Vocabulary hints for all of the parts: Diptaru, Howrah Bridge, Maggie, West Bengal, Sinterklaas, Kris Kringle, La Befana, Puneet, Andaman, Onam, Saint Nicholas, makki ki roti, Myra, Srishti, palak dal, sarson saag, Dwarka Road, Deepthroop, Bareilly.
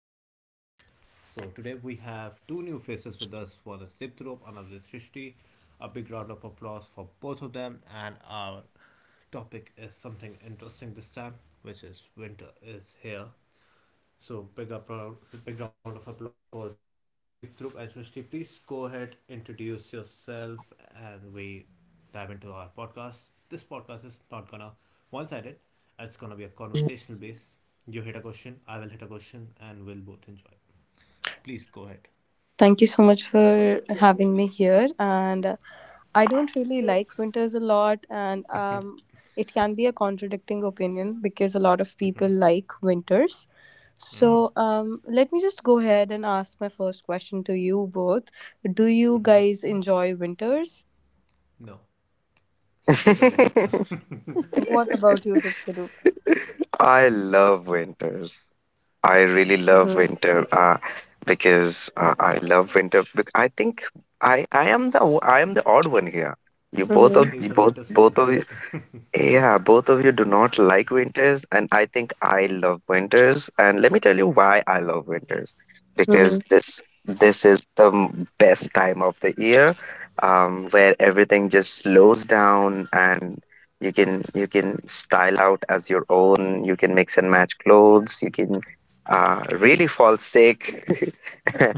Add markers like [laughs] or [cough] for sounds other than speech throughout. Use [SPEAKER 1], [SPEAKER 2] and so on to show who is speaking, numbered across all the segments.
[SPEAKER 1] and thank you for joining in. So today we have two new faces with us. One is Dipthrop, another is Srishti. A big round of applause for both of them and our topic is something interesting this time, which is winter is here. So big applause, big round of applause for Deepthroop and Srishti. Please go ahead, introduce yourself, and we dive into our podcast. This podcast is not gonna one-sided. It's gonna be a conversational base. You hit a question, I will hit a question, and we'll both enjoy. Please go ahead.
[SPEAKER 2] Thank you so much for having me here. And I don't really like winters a lot, and it can be a contradicting opinion because a lot of people like
[SPEAKER 1] Hmm.
[SPEAKER 2] winters. So let me just go ahead and ask my first question to you both. Do you guys enjoy winters?
[SPEAKER 1] No, straight away
[SPEAKER 3] [laughs]
[SPEAKER 1] no. [laughs]
[SPEAKER 2] What about you, Diptaru?
[SPEAKER 3] I love winters. I really love
[SPEAKER 2] Mm-hmm.
[SPEAKER 3] winter. Because I love winter. Bec- I think I am I am the odd one here. You both of you both
[SPEAKER 1] He's the
[SPEAKER 3] both
[SPEAKER 1] Winter
[SPEAKER 3] of you
[SPEAKER 1] Soldier. [laughs]
[SPEAKER 3] Yeah, both of you do not like winters, and I think I love winters. And let me tell you why I love winters,
[SPEAKER 2] Mm-hmm.
[SPEAKER 3] because this is best time of the year, where everything just slows down, and you can style out as your own. You can mix and match clothes. You can really fall sick. [laughs]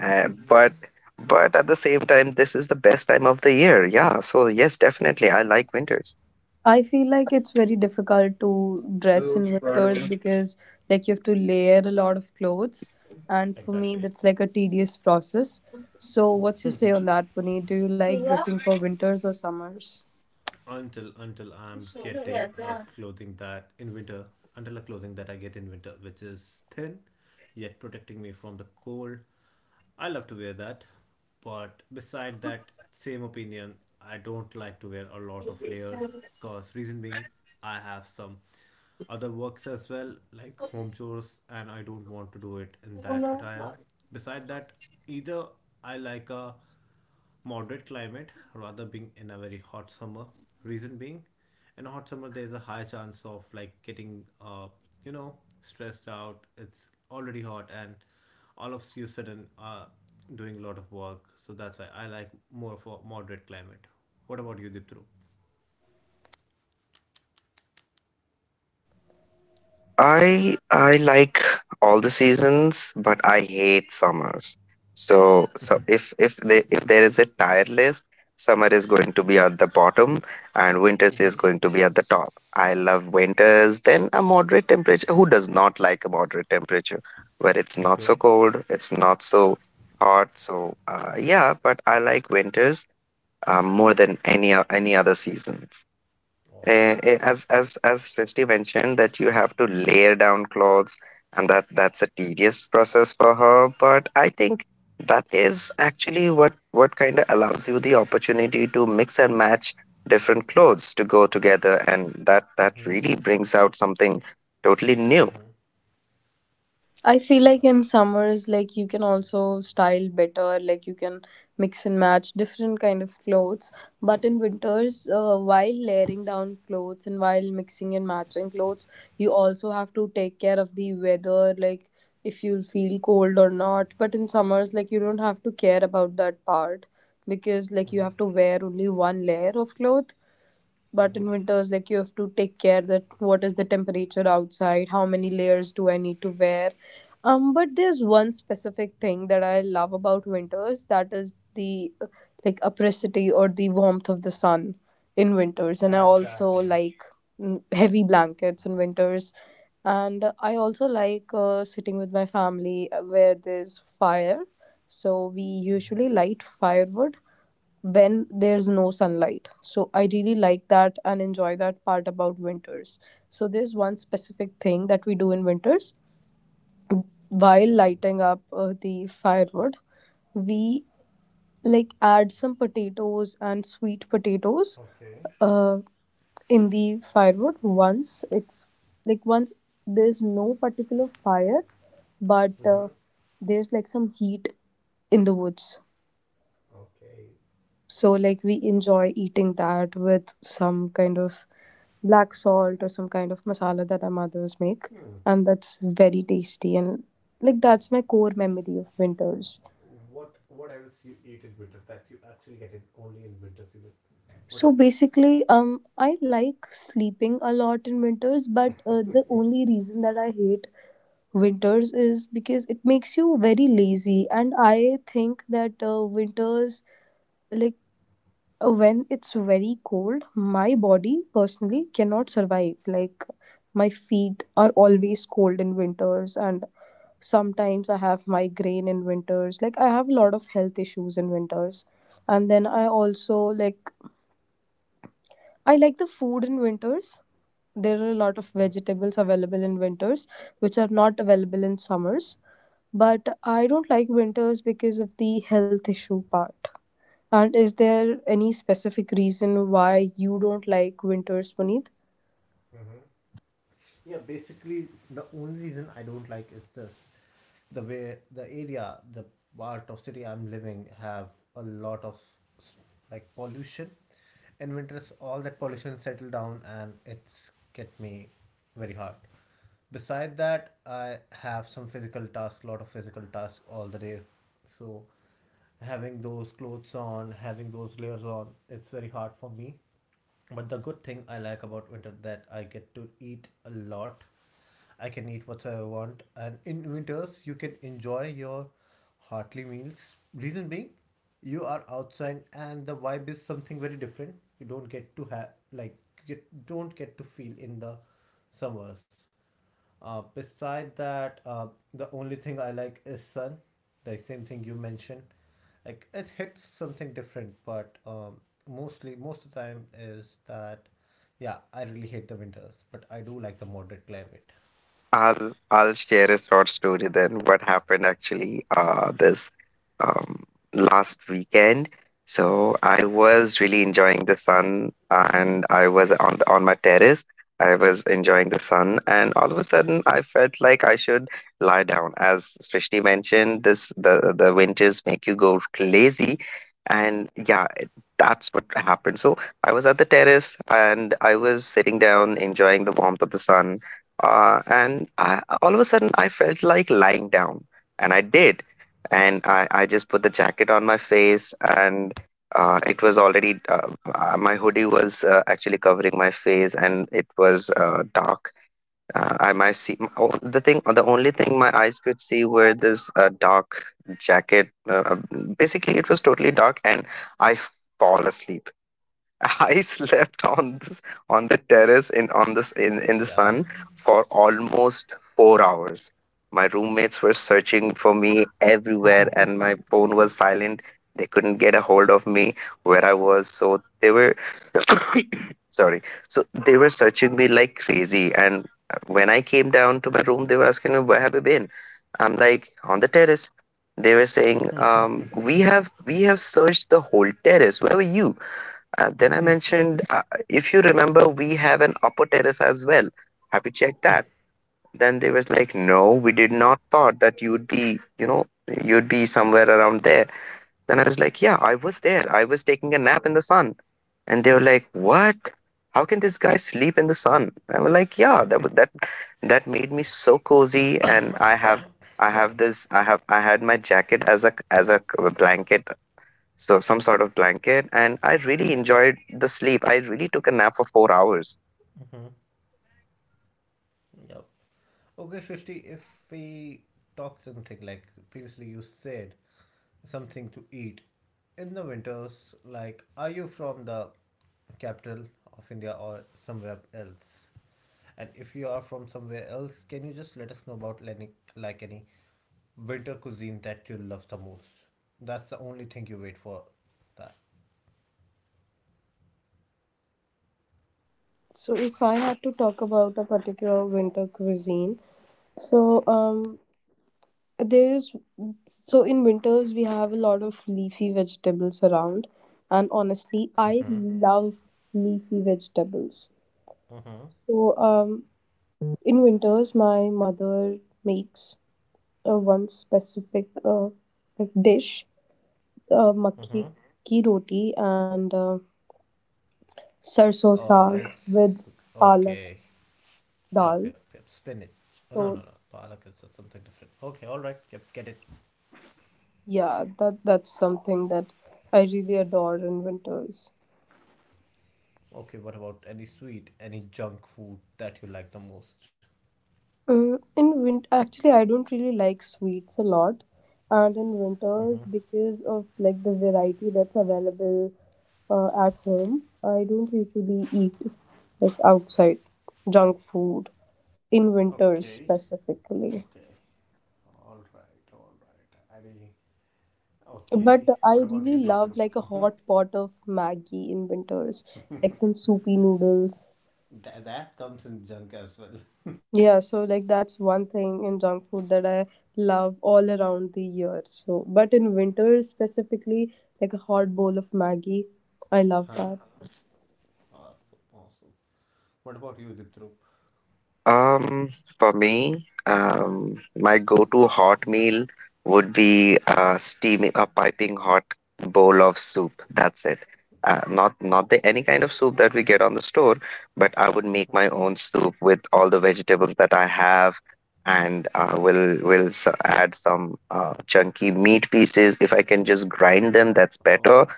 [SPEAKER 3] Uh, but but at the same time, this is the best time of the year. Yeah, so yes, definitely, I like winters.
[SPEAKER 2] I feel like it's very difficult to dress in winters because like you have to layer a lot of clothes, and for me
[SPEAKER 1] Exactly.
[SPEAKER 2] that's like a tedious process. So what's your say on that, Puneet? Do you like dressing for winters or summers?
[SPEAKER 1] Until I'm getting a clothing that in winter, until a clothing that I get in winter which is thin yet protecting me from the cold. I love to wear that, but beside that same opinion, I don't like to wear a lot of layers cause reason being I have some other works as well like home chores and I don't want to do it in that attire. Beside that, either I like a moderate climate rather being in a very hot summer. Reason being, in a hot summer there's a high chance of like getting you know stressed out. It's already hot and all of you sudden are doing a lot of work. So that's why I like more of a moderate climate. What about you, Diptru?
[SPEAKER 3] I like all the seasons, but I hate summers. So if there is a tier list, summer is going to be at the bottom and winters
[SPEAKER 1] Mm-hmm.
[SPEAKER 3] is going to be at the top. I love winters, then a moderate temperature. Who does not like a moderate temperature where it's not so
[SPEAKER 1] Okay.
[SPEAKER 3] cold, it's not so hot. So yeah, but I like winters more than any other seasons
[SPEAKER 1] Awesome.
[SPEAKER 3] as Srishti mentioned that you have to layer down clothes and that's a tedious process for her, but I think that is actually what kind of allows you the opportunity to mix and match different clothes to go together, and that
[SPEAKER 1] Mm-hmm.
[SPEAKER 3] really brings out something totally new.
[SPEAKER 1] Mm-hmm.
[SPEAKER 2] I feel like in
[SPEAKER 1] That's great.
[SPEAKER 2] summers, like you can also style better, like you can mix and match different kind of clothes. But in winters, while layering down clothes and while mixing and matching clothes, you also have to take care of the weather, like if you'll feel cold or not. But in summers, like you don't have to care about that part because like you
[SPEAKER 1] Mm-hmm.
[SPEAKER 2] have to wear only one layer of cloth, but
[SPEAKER 1] Mm-hmm.
[SPEAKER 2] in winters, like you have to take care that what is the temperature outside, how many layers do I need to wear. But there's one specific thing that I love about winters, that is the like, opacity or the warmth of the sun in winters, and I also
[SPEAKER 1] Exactly.
[SPEAKER 2] like heavy blankets in winters, and I also like sitting with my family where there's fire, so we
[SPEAKER 1] Mm-hmm.
[SPEAKER 2] usually light firewood when there's no sunlight. So I really like that and enjoy that part about winters. So there's one specific thing that we do in winters. While lighting up the firewood, we like add some potatoes and sweet potatoes
[SPEAKER 1] Okay.
[SPEAKER 2] uh, in the firewood once it's, like, once there's no particular fire, but
[SPEAKER 1] Mm-hmm.
[SPEAKER 2] there's like some heat in the woods. So, like, we enjoy eating that with some kind of black salt or some kind of masala that our mothers make.
[SPEAKER 1] Hmm.
[SPEAKER 2] And that's very tasty. And, like, that's my core memory of winters.
[SPEAKER 1] What else you eat in winter that you actually get in only in winter season? What
[SPEAKER 2] So
[SPEAKER 1] else?
[SPEAKER 2] basically, I like sleeping a lot in winters, but the only reason that I hate winters is because it makes you very lazy. And I think that winters, like, when it's very cold, my body personally cannot survive. Like, my feet are always cold in winters, and sometimes I have migraine in winters. Like, I have a lot of health issues in winters. And then I like the food in winters. There are a lot of
[SPEAKER 1] Hmm.
[SPEAKER 2] vegetables available in winters which are not available in summers. But I don't like winters because of the health issue part. And is there any specific reason why you don't like winters, Puneet?
[SPEAKER 1] Yeah, basically the only reason I don't like it's just the way the area, the part of city I'm living have a lot of like pollution. In winters, all that pollution settle down and it's get me very hard. Beside that I have some physical tasks, lot of physical tasks all the day, so having those clothes on, having those layers on, it's very hard for me, but the good thing I like about winter that I get to eat a lot. I can eat whatever I want, and in winters you can enjoy your heartly meals. Reason being, you are outside and the vibe is something very different. You don't get to have like, you don't get to feel in the summers. Beside that, the only thing I like is Sun, the same thing you mentioned. Like it hits something different, but mostly most of the time is that, yeah, I really hate the winters, but I do like the moderate climate.
[SPEAKER 3] I'll share a short story then. What happened actually this, um, last weekend? So I was really enjoying the sun, and I was on on my terrace. I was enjoying the sun, and all of a sudden, I felt like I should lie down. As Srishti mentioned, this the winters make you go lazy, and that's what happened. So I was at the terrace, and I was sitting down, enjoying the warmth of the sun, and all of a sudden, I felt like lying down, and I did. And I just put the jacket on my face, and it was already my hoodie was actually covering my face, and it was dark. I might see oh, the thing. The only thing my eyes could see were this dark jacket. Basically, it was totally dark, and I fall asleep. I slept on this on the terrace in on in the
[SPEAKER 1] Yeah.
[SPEAKER 3] sun for almost 4 hours. My roommates were searching for me everywhere, and my
[SPEAKER 1] [laughs]
[SPEAKER 3] phone was silent. They couldn't get a hold of me where I was. So they were sorry. So they were searching me like crazy. And when I came down to my room, they were asking me, "Where have you been?" I'm like, "On the terrace." They were saying, We have searched the whole terrace. Where were you?" Then I mentioned, "If you remember, we have an upper terrace as well. Have you checked that?" Then they was like, "No, we did not thought that you would be, you know, you'd be somewhere around there." Then I was like, "Yeah, I was there. I was taking a nap in the sun." And they were like, "What? How can this guy sleep in the sun?" I was like, "Yeah, that wa- that that made me so cozy, and I have
[SPEAKER 1] Sorry.
[SPEAKER 3] this I have I had my jacket as a blanket, so some sort of blanket, and I really enjoyed the sleep. I really took a nap for 4 hours."
[SPEAKER 1] Hmm.
[SPEAKER 2] I feel like
[SPEAKER 1] Yep.
[SPEAKER 2] that's the best
[SPEAKER 1] Okay,
[SPEAKER 2] part
[SPEAKER 1] Shrishti,
[SPEAKER 2] about
[SPEAKER 1] if
[SPEAKER 2] winters.
[SPEAKER 1] we talk something like previously you said something to eat in the winters, like are you from the capital of India or somewhere else. And if you are from somewhere else, can you just let us know about any, like any winter cuisine that you love the most? That's the only thing you wait for. That.
[SPEAKER 2] So, if I had to talk about a particular winter cuisine, so um, there's so in winters we have a lot of leafy vegetables around, and honestly, I
[SPEAKER 1] Mm-hmm.
[SPEAKER 2] love leafy vegetables.
[SPEAKER 1] Mm-hmm.
[SPEAKER 2] So, in winters, my mother makes one specific, like, dish,
[SPEAKER 1] Mm-hmm.
[SPEAKER 2] makki ki roti, and sarson
[SPEAKER 1] Oh,
[SPEAKER 2] saag with
[SPEAKER 1] it's
[SPEAKER 2] palak
[SPEAKER 1] okay. Yep,
[SPEAKER 2] dal.
[SPEAKER 1] yep, yep. Spinach. Oh, no, no,
[SPEAKER 2] So
[SPEAKER 1] no. Palak is something different. Okay, all right. Yep, get it.
[SPEAKER 2] yeah, that's something that I really adore in winters.
[SPEAKER 1] Okay, what about any sweet, any junk food that you like the most?
[SPEAKER 2] In winter, actually, I don't really like sweets a lot, and in winters,
[SPEAKER 1] Mm-hmm.
[SPEAKER 2] because of like the variety that's available at home, I don't usually eat, like, outside junk food in winters
[SPEAKER 1] Okay.
[SPEAKER 2] specifically.
[SPEAKER 1] Okay. All right. All right. Any.
[SPEAKER 2] But
[SPEAKER 1] Okay, what
[SPEAKER 2] I
[SPEAKER 1] about you,
[SPEAKER 2] really
[SPEAKER 1] Diptrup?
[SPEAKER 2] love like a
[SPEAKER 1] Mm-hmm.
[SPEAKER 2] hot pot of Maggie in winters, like some soupy noodles.
[SPEAKER 1] That comes in junk as well.
[SPEAKER 2] Yeah, so like, that's one thing in junk food that I love all around the year. So, but in winter specifically, like a hot bowl of Maggie, I love
[SPEAKER 1] Huh?
[SPEAKER 2] that.
[SPEAKER 1] Awesome, awesome. What about you, Diptrup?
[SPEAKER 3] um for me, my go-to hot meal would be steaming a piping hot bowl of soup. That's it. Not the any kind of soup that we get on the store, but I would make my own soup with all the vegetables that I have, and add some chunky meat pieces. If I can just grind them, that's better.
[SPEAKER 1] Oh,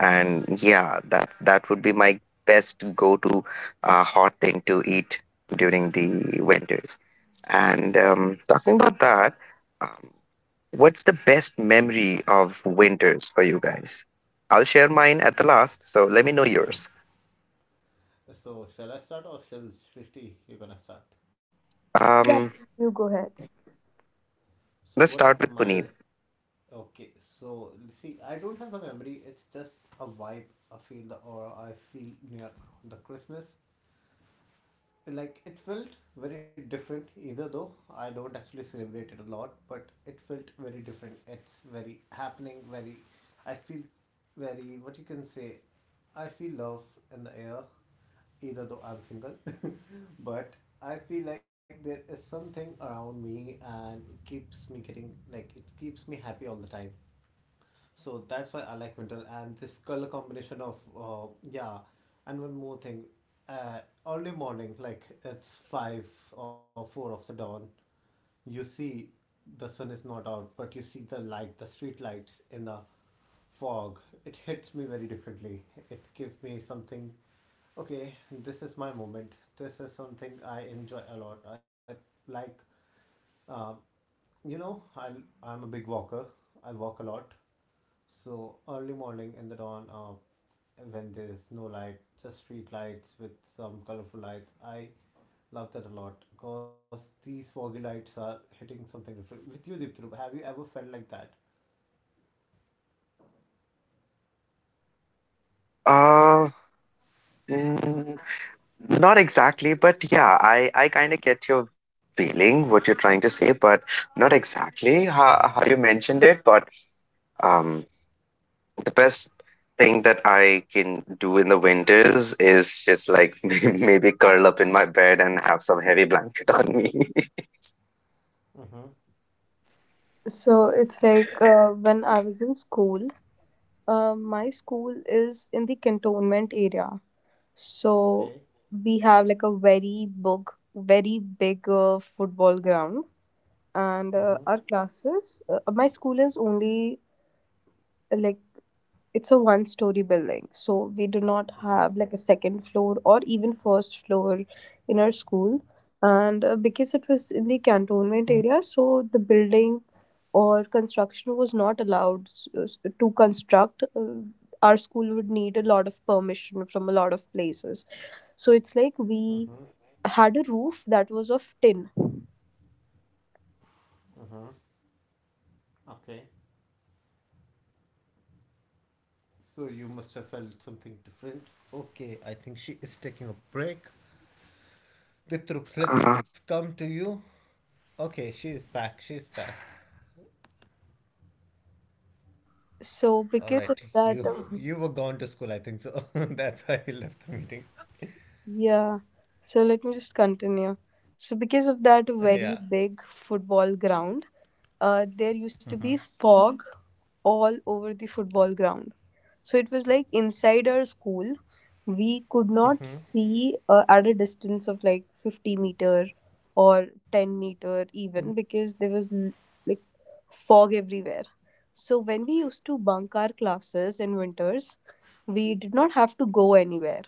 [SPEAKER 3] And yeah, that that would be my best go-to hot thing to eat during the winters. And talking about that, um, what's the best memory of winters for you guys? I'll share mine at the last, so let me know yours.
[SPEAKER 1] so shall I start or shall Shrishti? You're gonna start.
[SPEAKER 2] Yeah,
[SPEAKER 3] Um,
[SPEAKER 2] you go ahead.
[SPEAKER 1] So
[SPEAKER 3] let's
[SPEAKER 1] one
[SPEAKER 3] start
[SPEAKER 1] of
[SPEAKER 3] with
[SPEAKER 1] mine.
[SPEAKER 3] Puneet.
[SPEAKER 1] Okay, so see, I don't have a memory. It's just a vibe. I feel the aura. I feel near the Christmas. Like it felt very different, either though I don't actually celebrate it a lot, but it felt very different. It's very happening, very, I feel very, what you can say, I feel love in the air, either though I'm single. [laughs] But I feel like there is something around me and it keeps me getting like, it keeps me happy all the time. So that's why I like winter and this color combination of yeah. And one more thing, uh, early morning, like it's five or four of the dawn, you see the sun is not out, but you see the light, the street lights in the fog. It hits me very differently. It gives me something. Okay, this is my moment. This is something I enjoy a lot. I like, uh, you know, I'm a big walker. I walk a lot, so early morning in the dawn, when there's no light, just street lights with some colorful lights. I love that a lot because these foggy lights are hitting something different. With you, Deepthroop, have you ever felt like that?
[SPEAKER 3] Uh, mm, Not exactly, but yeah, I kind of get your feeling, what you're trying to say, but not exactly
[SPEAKER 1] Mm-hmm.
[SPEAKER 3] how you mentioned it. But um. The best thing that I can do in the winters is just like [laughs] maybe curl up in my bed and have some heavy blanket on me. [laughs]
[SPEAKER 1] Mm-hmm.
[SPEAKER 2] So it's like, when I was in school. My school is in the cantonment area. So
[SPEAKER 1] Okay.
[SPEAKER 2] we have like a very big, very big football ground, and
[SPEAKER 1] Mm-hmm.
[SPEAKER 2] our classes. My school is only, like, it's a one story building, so we do not
[SPEAKER 1] Okay.
[SPEAKER 2] have like a second floor or even first floor in our school, and because it was in the cantonment area, so the building or construction was not allowed to construct, our school would need a lot of permission from a lot of places, so it's like we
[SPEAKER 1] Mm-hmm.
[SPEAKER 2] had a
[SPEAKER 1] Mm-hmm. Okay. So you must have felt something different. Okay, I think she is taking a break. Deepthroop, let's
[SPEAKER 3] Uh,
[SPEAKER 1] come to you. Okay, she is back. She is back.
[SPEAKER 2] So,
[SPEAKER 1] All right,
[SPEAKER 2] because of that,
[SPEAKER 1] you [laughs] you were gone to school, I think so. [laughs] That's why you left the meeting.
[SPEAKER 2] yeah, so let me just continue. So, because of
[SPEAKER 1] Yeah.
[SPEAKER 2] that very big football ground, there used to be fog all over the football ground. So it was like, inside our school, we could not see at a distance of like 50 meter or 10-meter even, because there was like, fog everywhere. So when we used to bunk our classes in winters, we did not have to go anywhere.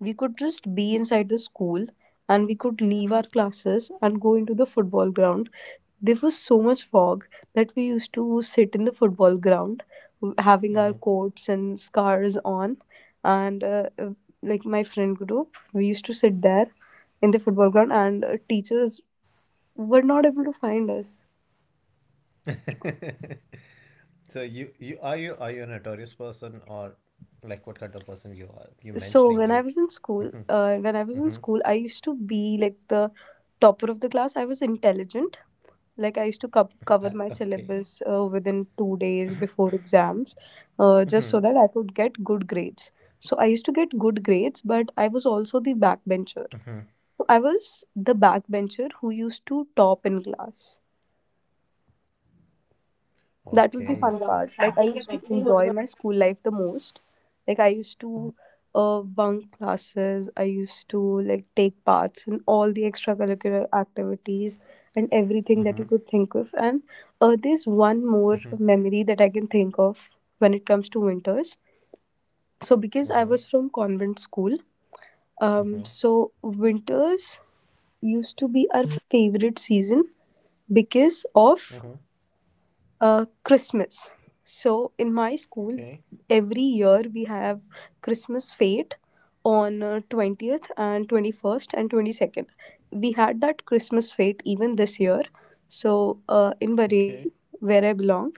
[SPEAKER 2] We could just be inside the school, and we could leave our classes and go into the football ground. There was so much fog that we used to sit in the football ground, having our coats and scarves on. And like, my friend group, we used to sit there in the football ground, and teachers were not able to find us.
[SPEAKER 1] [laughs] So you are you are you a notorious person or like what kind of person you are? You
[SPEAKER 2] So
[SPEAKER 1] mentioning
[SPEAKER 2] when I
[SPEAKER 1] you.
[SPEAKER 2] was in school,
[SPEAKER 1] Mhm,
[SPEAKER 2] when I was in
[SPEAKER 1] mhm.
[SPEAKER 2] school, I used to be like the topper of the class. I was intelligent. Like, I used to
[SPEAKER 1] I-
[SPEAKER 2] cover my
[SPEAKER 1] Okay.
[SPEAKER 2] syllabus within 2 days before exams, just so
[SPEAKER 1] Mhm.
[SPEAKER 2] that I could get good grades. So I used to get good grades, but I was also the backbencher. So I was the backbencher who used to top in class. That was
[SPEAKER 1] Okay.
[SPEAKER 2] the
[SPEAKER 1] So.
[SPEAKER 2] fun part. Like, I used to enjoy my school life the most. Like, I used to bunk classes. I used to, like, take parts in all the extracurricular activities and
[SPEAKER 1] Mhm,
[SPEAKER 2] everything that you could think of. And there's one
[SPEAKER 1] mhm,
[SPEAKER 2] more memory that I can think of when it comes to winters. So because I
[SPEAKER 1] mhm,
[SPEAKER 2] was from convent school, um
[SPEAKER 1] mhm,
[SPEAKER 2] so winters used to be our favorite season because
[SPEAKER 1] mhm.
[SPEAKER 2] of Christmas. So in my school,
[SPEAKER 1] Okay.
[SPEAKER 2] every year we have Christmas fete on 20th and 21st and 22nd. We had that Christmas fete even this year. So in
[SPEAKER 1] Okay.
[SPEAKER 2] Bareilly, where I belong,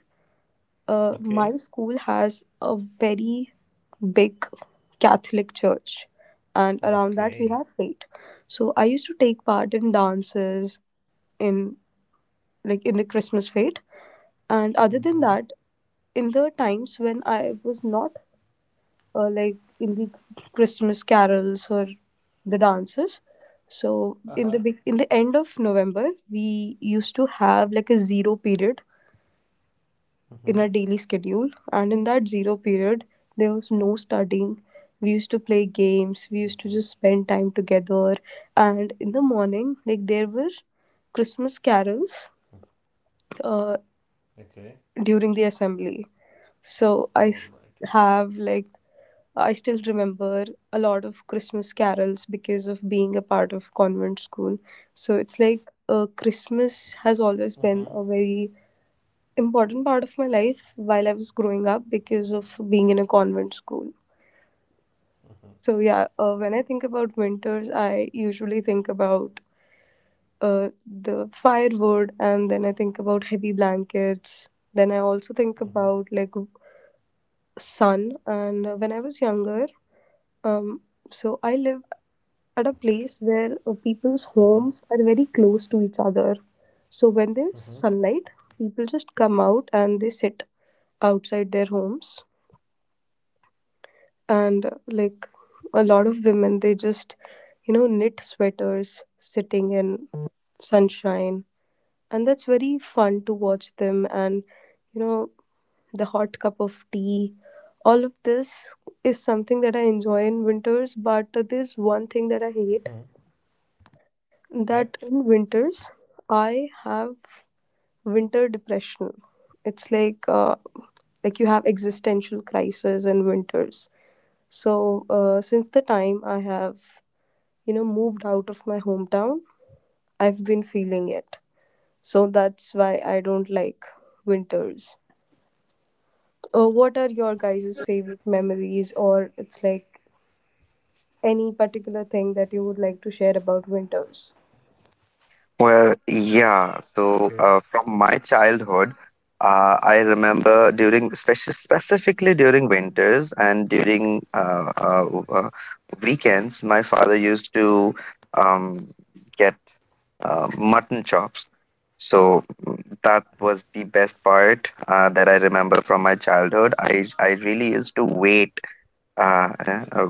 [SPEAKER 1] Okay.
[SPEAKER 2] my school has a very big Catholic church, and around that we
[SPEAKER 1] Okay.
[SPEAKER 2] have fete. So I used to take part in dances in, like, in the Christmas fete, and other than
[SPEAKER 1] Mhm.
[SPEAKER 2] that, in the times when I was not like, in the Christmas carols or the dances, so in
[SPEAKER 1] Uh-huh.
[SPEAKER 2] the big in the end of November, we used to have like a zero period
[SPEAKER 1] Mhm.
[SPEAKER 2] in our daily schedule, and in that zero period, there was no studying. We used to play games. We used to
[SPEAKER 1] Mhm.
[SPEAKER 2] just spend time together, and in the morning, like, there were Christmas carols uh,
[SPEAKER 1] Okay.
[SPEAKER 2] during the assembly. So I
[SPEAKER 1] All
[SPEAKER 2] s-
[SPEAKER 1] right.
[SPEAKER 2] have like I still remember a lot of Christmas carols because of being a part of convent school. So it's like, Christmas
[SPEAKER 1] Mhm.
[SPEAKER 2] has always been a very important part of my life while I was growing up because of being in a convent school.
[SPEAKER 1] Mhm.
[SPEAKER 2] So yeah, when I think about winters, I usually think about the firewood, and then I think about heavy blankets. Then I also think
[SPEAKER 1] Mhm.
[SPEAKER 2] about, like, sun. And when I was younger, Um, so I live at a place where people's
[SPEAKER 1] Mhm.
[SPEAKER 2] homes are very close to each other. So when
[SPEAKER 1] Hmm.
[SPEAKER 2] there's sunlight, people just come out and they sit outside their homes. And like, a lot of women, they just, knit sweaters sitting in sunshine. And that's very fun to watch them. And, you know, the hot cup of tea. All of this is something that I enjoy in winters, but there's one thing that I hate,
[SPEAKER 1] Yep.
[SPEAKER 2] that in winters I have winter depression. It's like, like, you have existential crisis in winters. So since the time I have moved out of my hometown, I've been feeling it. So that's why I don't like winters. What are your guys' favorite memories, or it's like any particular thing that you would like to share about winters?
[SPEAKER 3] Well, yeah.
[SPEAKER 1] Okay.
[SPEAKER 3] So, from my childhood, I remember during, especially specifically during winters and during weekends, my father used to um, get mutton chops. So mm, that was the best part that I remember from my childhood. I really used to wait uh, uh,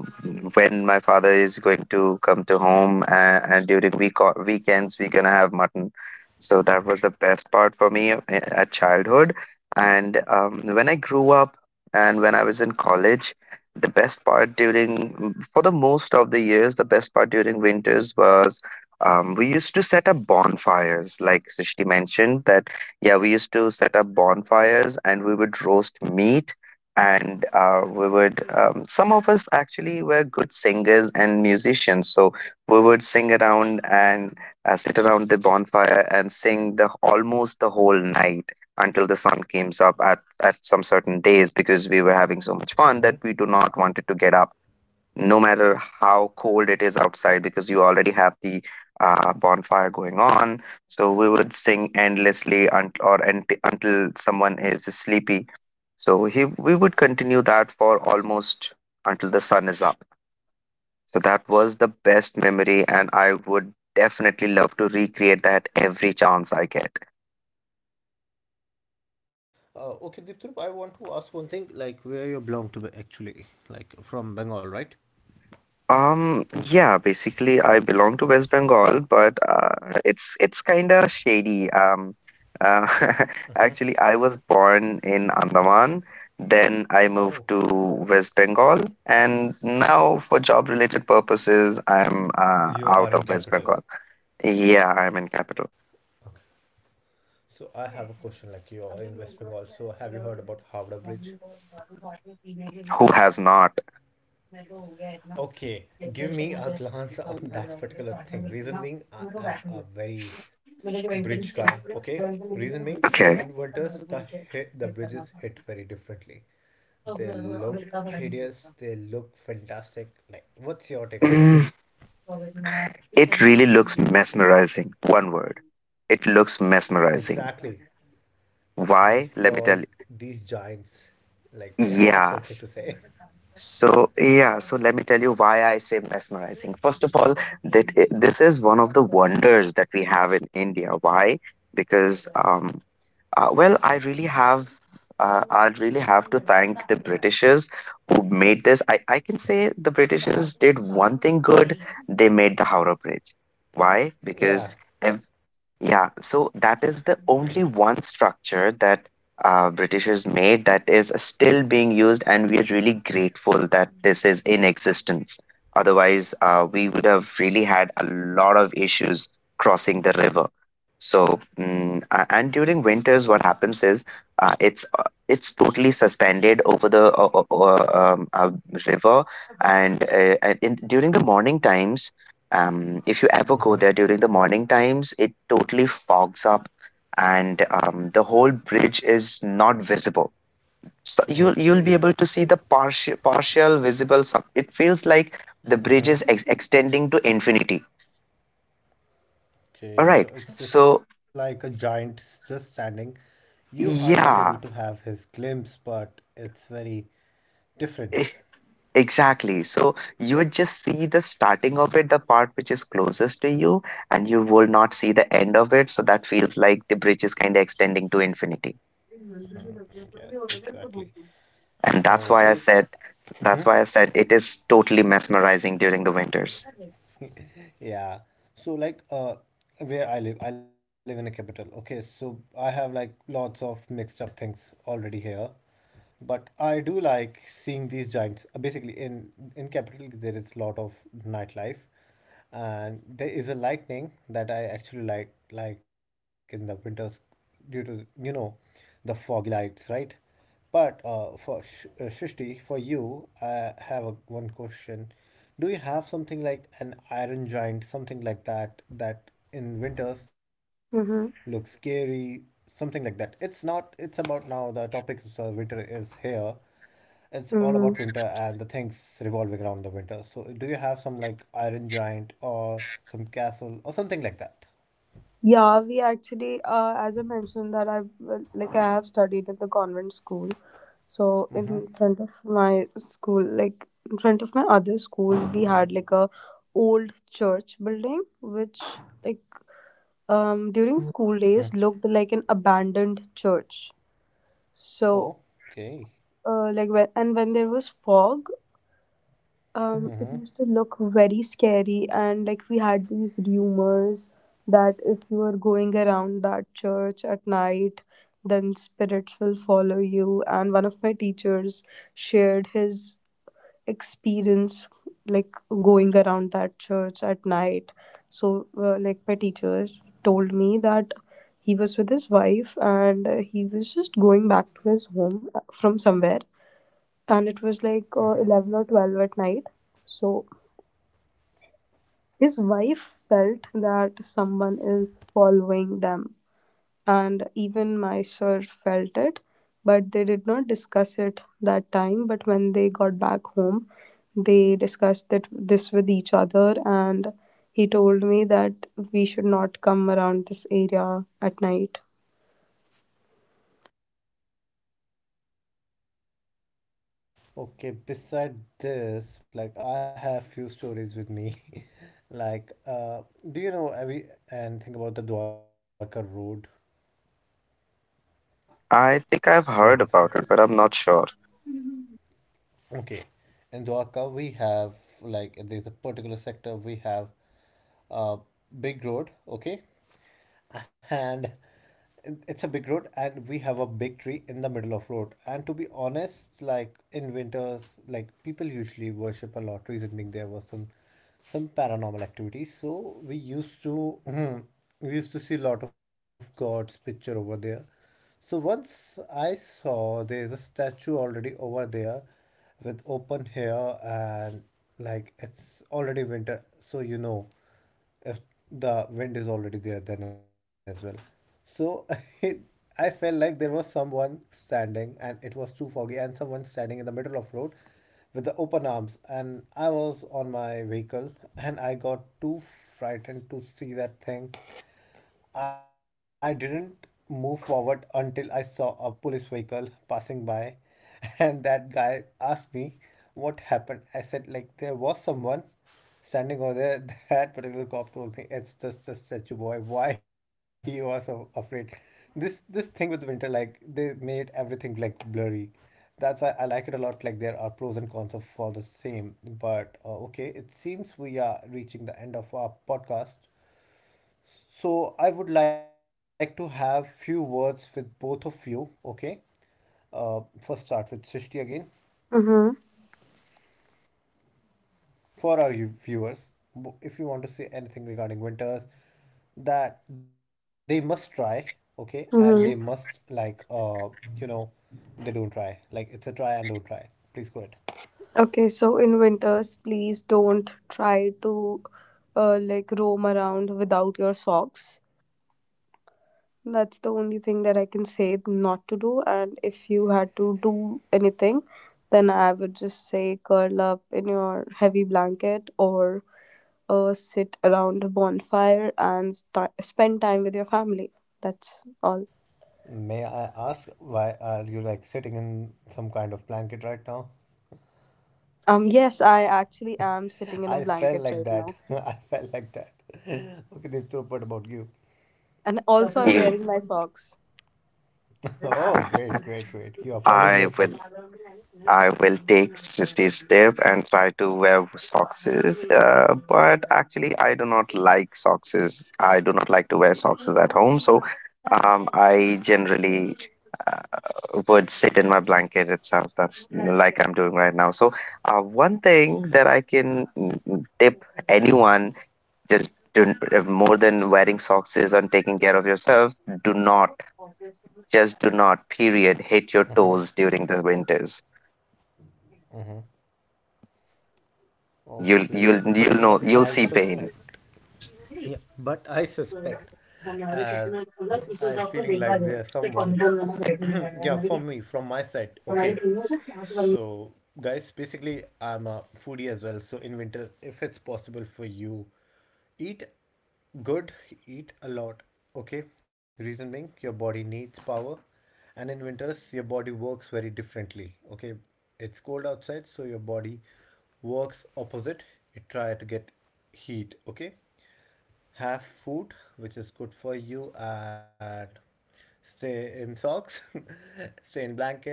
[SPEAKER 3] when my father is going to come to home, and during weekends we're gonna have mutton. So that was the best part for me at childhood. And when I grew up and when I was in college, the best part during, for the most of the years, the best part during winters was, we used to set up bonfires. Like Srishti mentioned that, yeah, we used to set up bonfires, and we would roast meat, and we would, some of us actually were good singers and musicians, so we would sing around and sit around the bonfire and sing the almost the whole night until the sun came up at some certain days, because we were having so much fun
[SPEAKER 1] Mm-hmm.
[SPEAKER 3] that we do not wanted to get up, no matter how cold it is outside, because you already have the bonfire going on. So we would sing endlessly until someone is sleepy. So we would continue that for almost until the sun is up. So that was the best memory, and I would definitely love to recreate that every chance I get.
[SPEAKER 1] Uh, okay, Deepthrup, I want to ask one thing. Like, where you belong to be actually? Like, from Bengal, right?
[SPEAKER 3] Yeah, basically I belong to West Bengal, but it's kind of shady. Uh, [laughs] Actually, I was born in Andaman, then I
[SPEAKER 1] Oh,
[SPEAKER 3] moved to West Bengal, and now for job-related purposes, I'm
[SPEAKER 1] you are
[SPEAKER 3] out
[SPEAKER 1] in
[SPEAKER 3] of West
[SPEAKER 1] capital.
[SPEAKER 3] Bengal. Yeah, I'm in capital.
[SPEAKER 1] Okay. So I have a question. Like you are in West Bengal. So have you heard about Howrah Bridge?
[SPEAKER 3] Who has not?
[SPEAKER 1] Okay, give me a [laughs] glance on that particular thing. Reason being, I am a very bridge guy. Okay. Reason being, in
[SPEAKER 3] Okay.
[SPEAKER 1] winters the hit, the bridges hit very differently. They look hideous, they look fantastic. Like, what's your take on that?
[SPEAKER 3] Mm. It really looks mesmerizing. One word. It looks
[SPEAKER 1] Exactly.
[SPEAKER 3] mesmerizing.
[SPEAKER 1] These
[SPEAKER 3] Why?
[SPEAKER 1] tall,
[SPEAKER 3] Let me tell you.
[SPEAKER 1] these giants, like, they have something to
[SPEAKER 3] Yes.
[SPEAKER 1] say.
[SPEAKER 3] So, yeah, so let me tell you why I say mesmerizing. First of all, this is one of the wonders that we have in India. Why? Because well, I really have to thank the Britishers who made this. I can say the Britishers did one thing good. They made the Howrah Bridge. Why? Because
[SPEAKER 1] Yeah.
[SPEAKER 3] ev- yeah, so that is the only one structure that Britishers made that is still being used, and we are really grateful that this is in existence. Otherwise, we would have really had a lot of issues crossing the river. So, mm, and during winters, what happens is uh, it's uh, it's totally suspended over the river, and during the morning times, if you ever go there during the morning times, it totally fogs up, and the whole bridge is not visible. So you'll be
[SPEAKER 1] Okay.
[SPEAKER 3] able to see the partial visible sub. It feels like the bridge is extending to infinity. All
[SPEAKER 1] Okay,
[SPEAKER 3] right.
[SPEAKER 1] so it's just
[SPEAKER 3] So
[SPEAKER 1] like a giant just standing. You are not able to
[SPEAKER 3] yeah.
[SPEAKER 1] have his glimpse, but it's very different.
[SPEAKER 3] [laughs] Exactly. So you would just see the starting of it, the part which is closest to you, and you will not see the end of it. So that feels like the bridge is kind of extending to infinity.
[SPEAKER 1] Yes, exactly.
[SPEAKER 3] And
[SPEAKER 1] Okay,
[SPEAKER 3] that's why I said it is totally mesmerizing during the winters.
[SPEAKER 1] Yeah. So like where I live in a capital. Okay, so I have like lots of mixed up things already here. But I do like seeing these giants. Basically in capital there is lot of nightlife and there is a lightning that I actually like in the winters due to you know the foggy lights, right? But for Shrishti, for you, I have a, one question. Do you have something like an iron giant, something like that, that in winters looks scary, something like that? It's not, it's about now the topic is winter is here. It's all about
[SPEAKER 2] Mm-hmm.
[SPEAKER 1] winter and the things revolving around the winter. So, do you have some like iron giant or some castle or something like that?
[SPEAKER 2] Yeah, we actually, as I mentioned, that I've, like, I have studied at the convent school. So
[SPEAKER 1] Mm-hmm.
[SPEAKER 2] in front of my school, like in front of my other school, we had like a old church building, which, like during school days, looked like an abandoned church.
[SPEAKER 1] Oh,
[SPEAKER 2] So
[SPEAKER 1] okay.
[SPEAKER 2] like, when there was fog, it used to look very scary, and like, we had these rumors that if you are going around that church at night, then spirits will follow you, and one of my teachers shared his experience, like, going around that church at night. So like, my teacher told me that he was with his wife, and he was just going back to his home from somewhere, and it was like 11 or 12 at night. So his wife felt that someone is following them, and even my sir felt it, but they did not discuss it that time. But when they got back home, they discussed it, this with each other, and he told me that we should not come around this area at night.
[SPEAKER 1] Okay, beside this, like I have few stories with me. [laughs] Like, do you know every and think about the Dwarka Road,
[SPEAKER 3] I think I've
[SPEAKER 1] Dwarka
[SPEAKER 3] heard about it, but I'm not sure.
[SPEAKER 1] Okay. In Dwarka, we have like there's a particular sector we have a big road, okay? And it's a big road and we have a big tree in the middle of road. And to be honest, like in winters, like people usually worship a lot. Reason being there was some paranormal activities. So we used to [clears throat] we used to see a lot of gods picture over there. So once I saw there's a statue already over there with open hair and like it's already winter, so you know if the wind is already there then as well. So [laughs] I, I felt like there was someone standing and it was too foggy and someone standing in the middle of road with the open arms and I was on my vehicle and I got too frightened to see that thing. I didn't move forward until I saw a police vehicle passing by, [laughs] and that guy asked me what happened. I said, like, there was someone standing over there. [laughs] That particular cop told me, it's just a statue boy. Why you are so afraid? This thing with winter, like, they made everything like blurry. That's why I like it a lot. Like there are pros and cons of for the same, but okay, it seems we are reaching the end of our podcast. So I would like to have few words with both of you. Okay. First, start with Srishti again
[SPEAKER 2] Mm-hmm.
[SPEAKER 1] for our viewers. If you want to say anything regarding winters, that they must try. Okay, and they must
[SPEAKER 2] Mm-hmm.
[SPEAKER 1] like you know, they don't try. Like it's a try and don't try. Please go ahead.
[SPEAKER 2] Okay, so in winters, please don't try to like, roam around without your socks. That's the only thing that I can say not to do. And if you had to do anything, then I would just say curl up in your heavy blanket or sit around a bonfire and spend time with your family. That's all.
[SPEAKER 1] May I ask why are you like sitting in some kind of blanket right now?
[SPEAKER 2] Yes, I actually am sitting in a
[SPEAKER 1] I felt
[SPEAKER 2] blanket
[SPEAKER 1] like
[SPEAKER 2] right
[SPEAKER 1] that.
[SPEAKER 2] now.
[SPEAKER 1] [laughs] I felt like that. Okay, Deepthrow, what about you?
[SPEAKER 2] And also, I'm wearing
[SPEAKER 3] If
[SPEAKER 2] my socks.
[SPEAKER 1] Oh, great,
[SPEAKER 3] [laughs]
[SPEAKER 1] great, great. You are following your
[SPEAKER 3] I
[SPEAKER 1] steps.
[SPEAKER 3] would I will take 60 step and try to wear socks. But actually, I do not like socks. I do not like to wear socks at home. So I generally uh, would sit in my blanket itself. That's like I'm doing right now. So one thing that I can tip anyone, just do, more than wearing socks, is on taking care of yourself. Do not do not period hit your toes during the winters. You'll
[SPEAKER 1] Okay, so
[SPEAKER 3] you'll you'll
[SPEAKER 1] but
[SPEAKER 3] know you'll
[SPEAKER 1] I
[SPEAKER 3] see pain.
[SPEAKER 1] suspect. Yeah, but I suspect, as I feeling like there's someone. [clears throat] Yeah, for me, from my side, okay. So, guys, basically, I'm a foodie as well. So, in winter, if it's possible for you, eat good, eat a lot. Okay, reason being, your body needs power, and in winters, your body works very differently. Okay, it's cold outside, so your body works opposite. It try to get heat. Okay, have food which is good for you and stay in socks, [laughs] stay in blanket,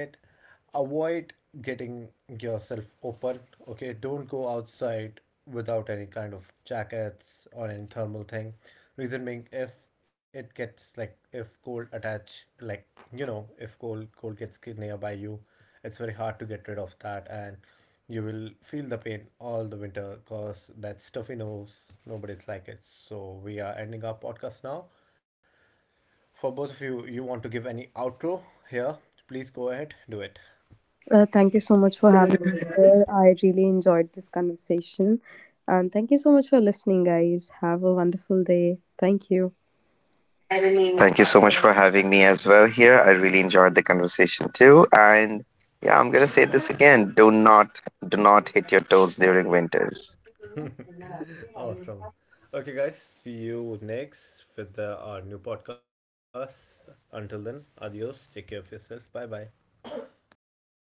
[SPEAKER 1] avoid getting yourself open, okay, don't go outside without any kind of jackets or any thermal thing. Reason being, if it gets like if cold attach like you know if cold gets nearby you, it's very hard to get rid of that and you will feel the pain all the winter because that stuffy nose, nobody's like it. So we are ending our podcast now. For both of you, you want to give any outro here? Please go ahead, do it.
[SPEAKER 2] Thank you so much for having me here. I really enjoyed this conversation. And thank you so much for listening, guys. Have a wonderful day. Thank you.
[SPEAKER 3] Thank you so much for having me as well here. I really enjoyed the conversation too. And yeah, I'm gonna say this again. Do not hit your toes during winters.
[SPEAKER 1] Awesome. Okay, guys, see you next with our new podcast. Until then, adios. Take care of yourself. Bye bye.
[SPEAKER 3] Bye bye.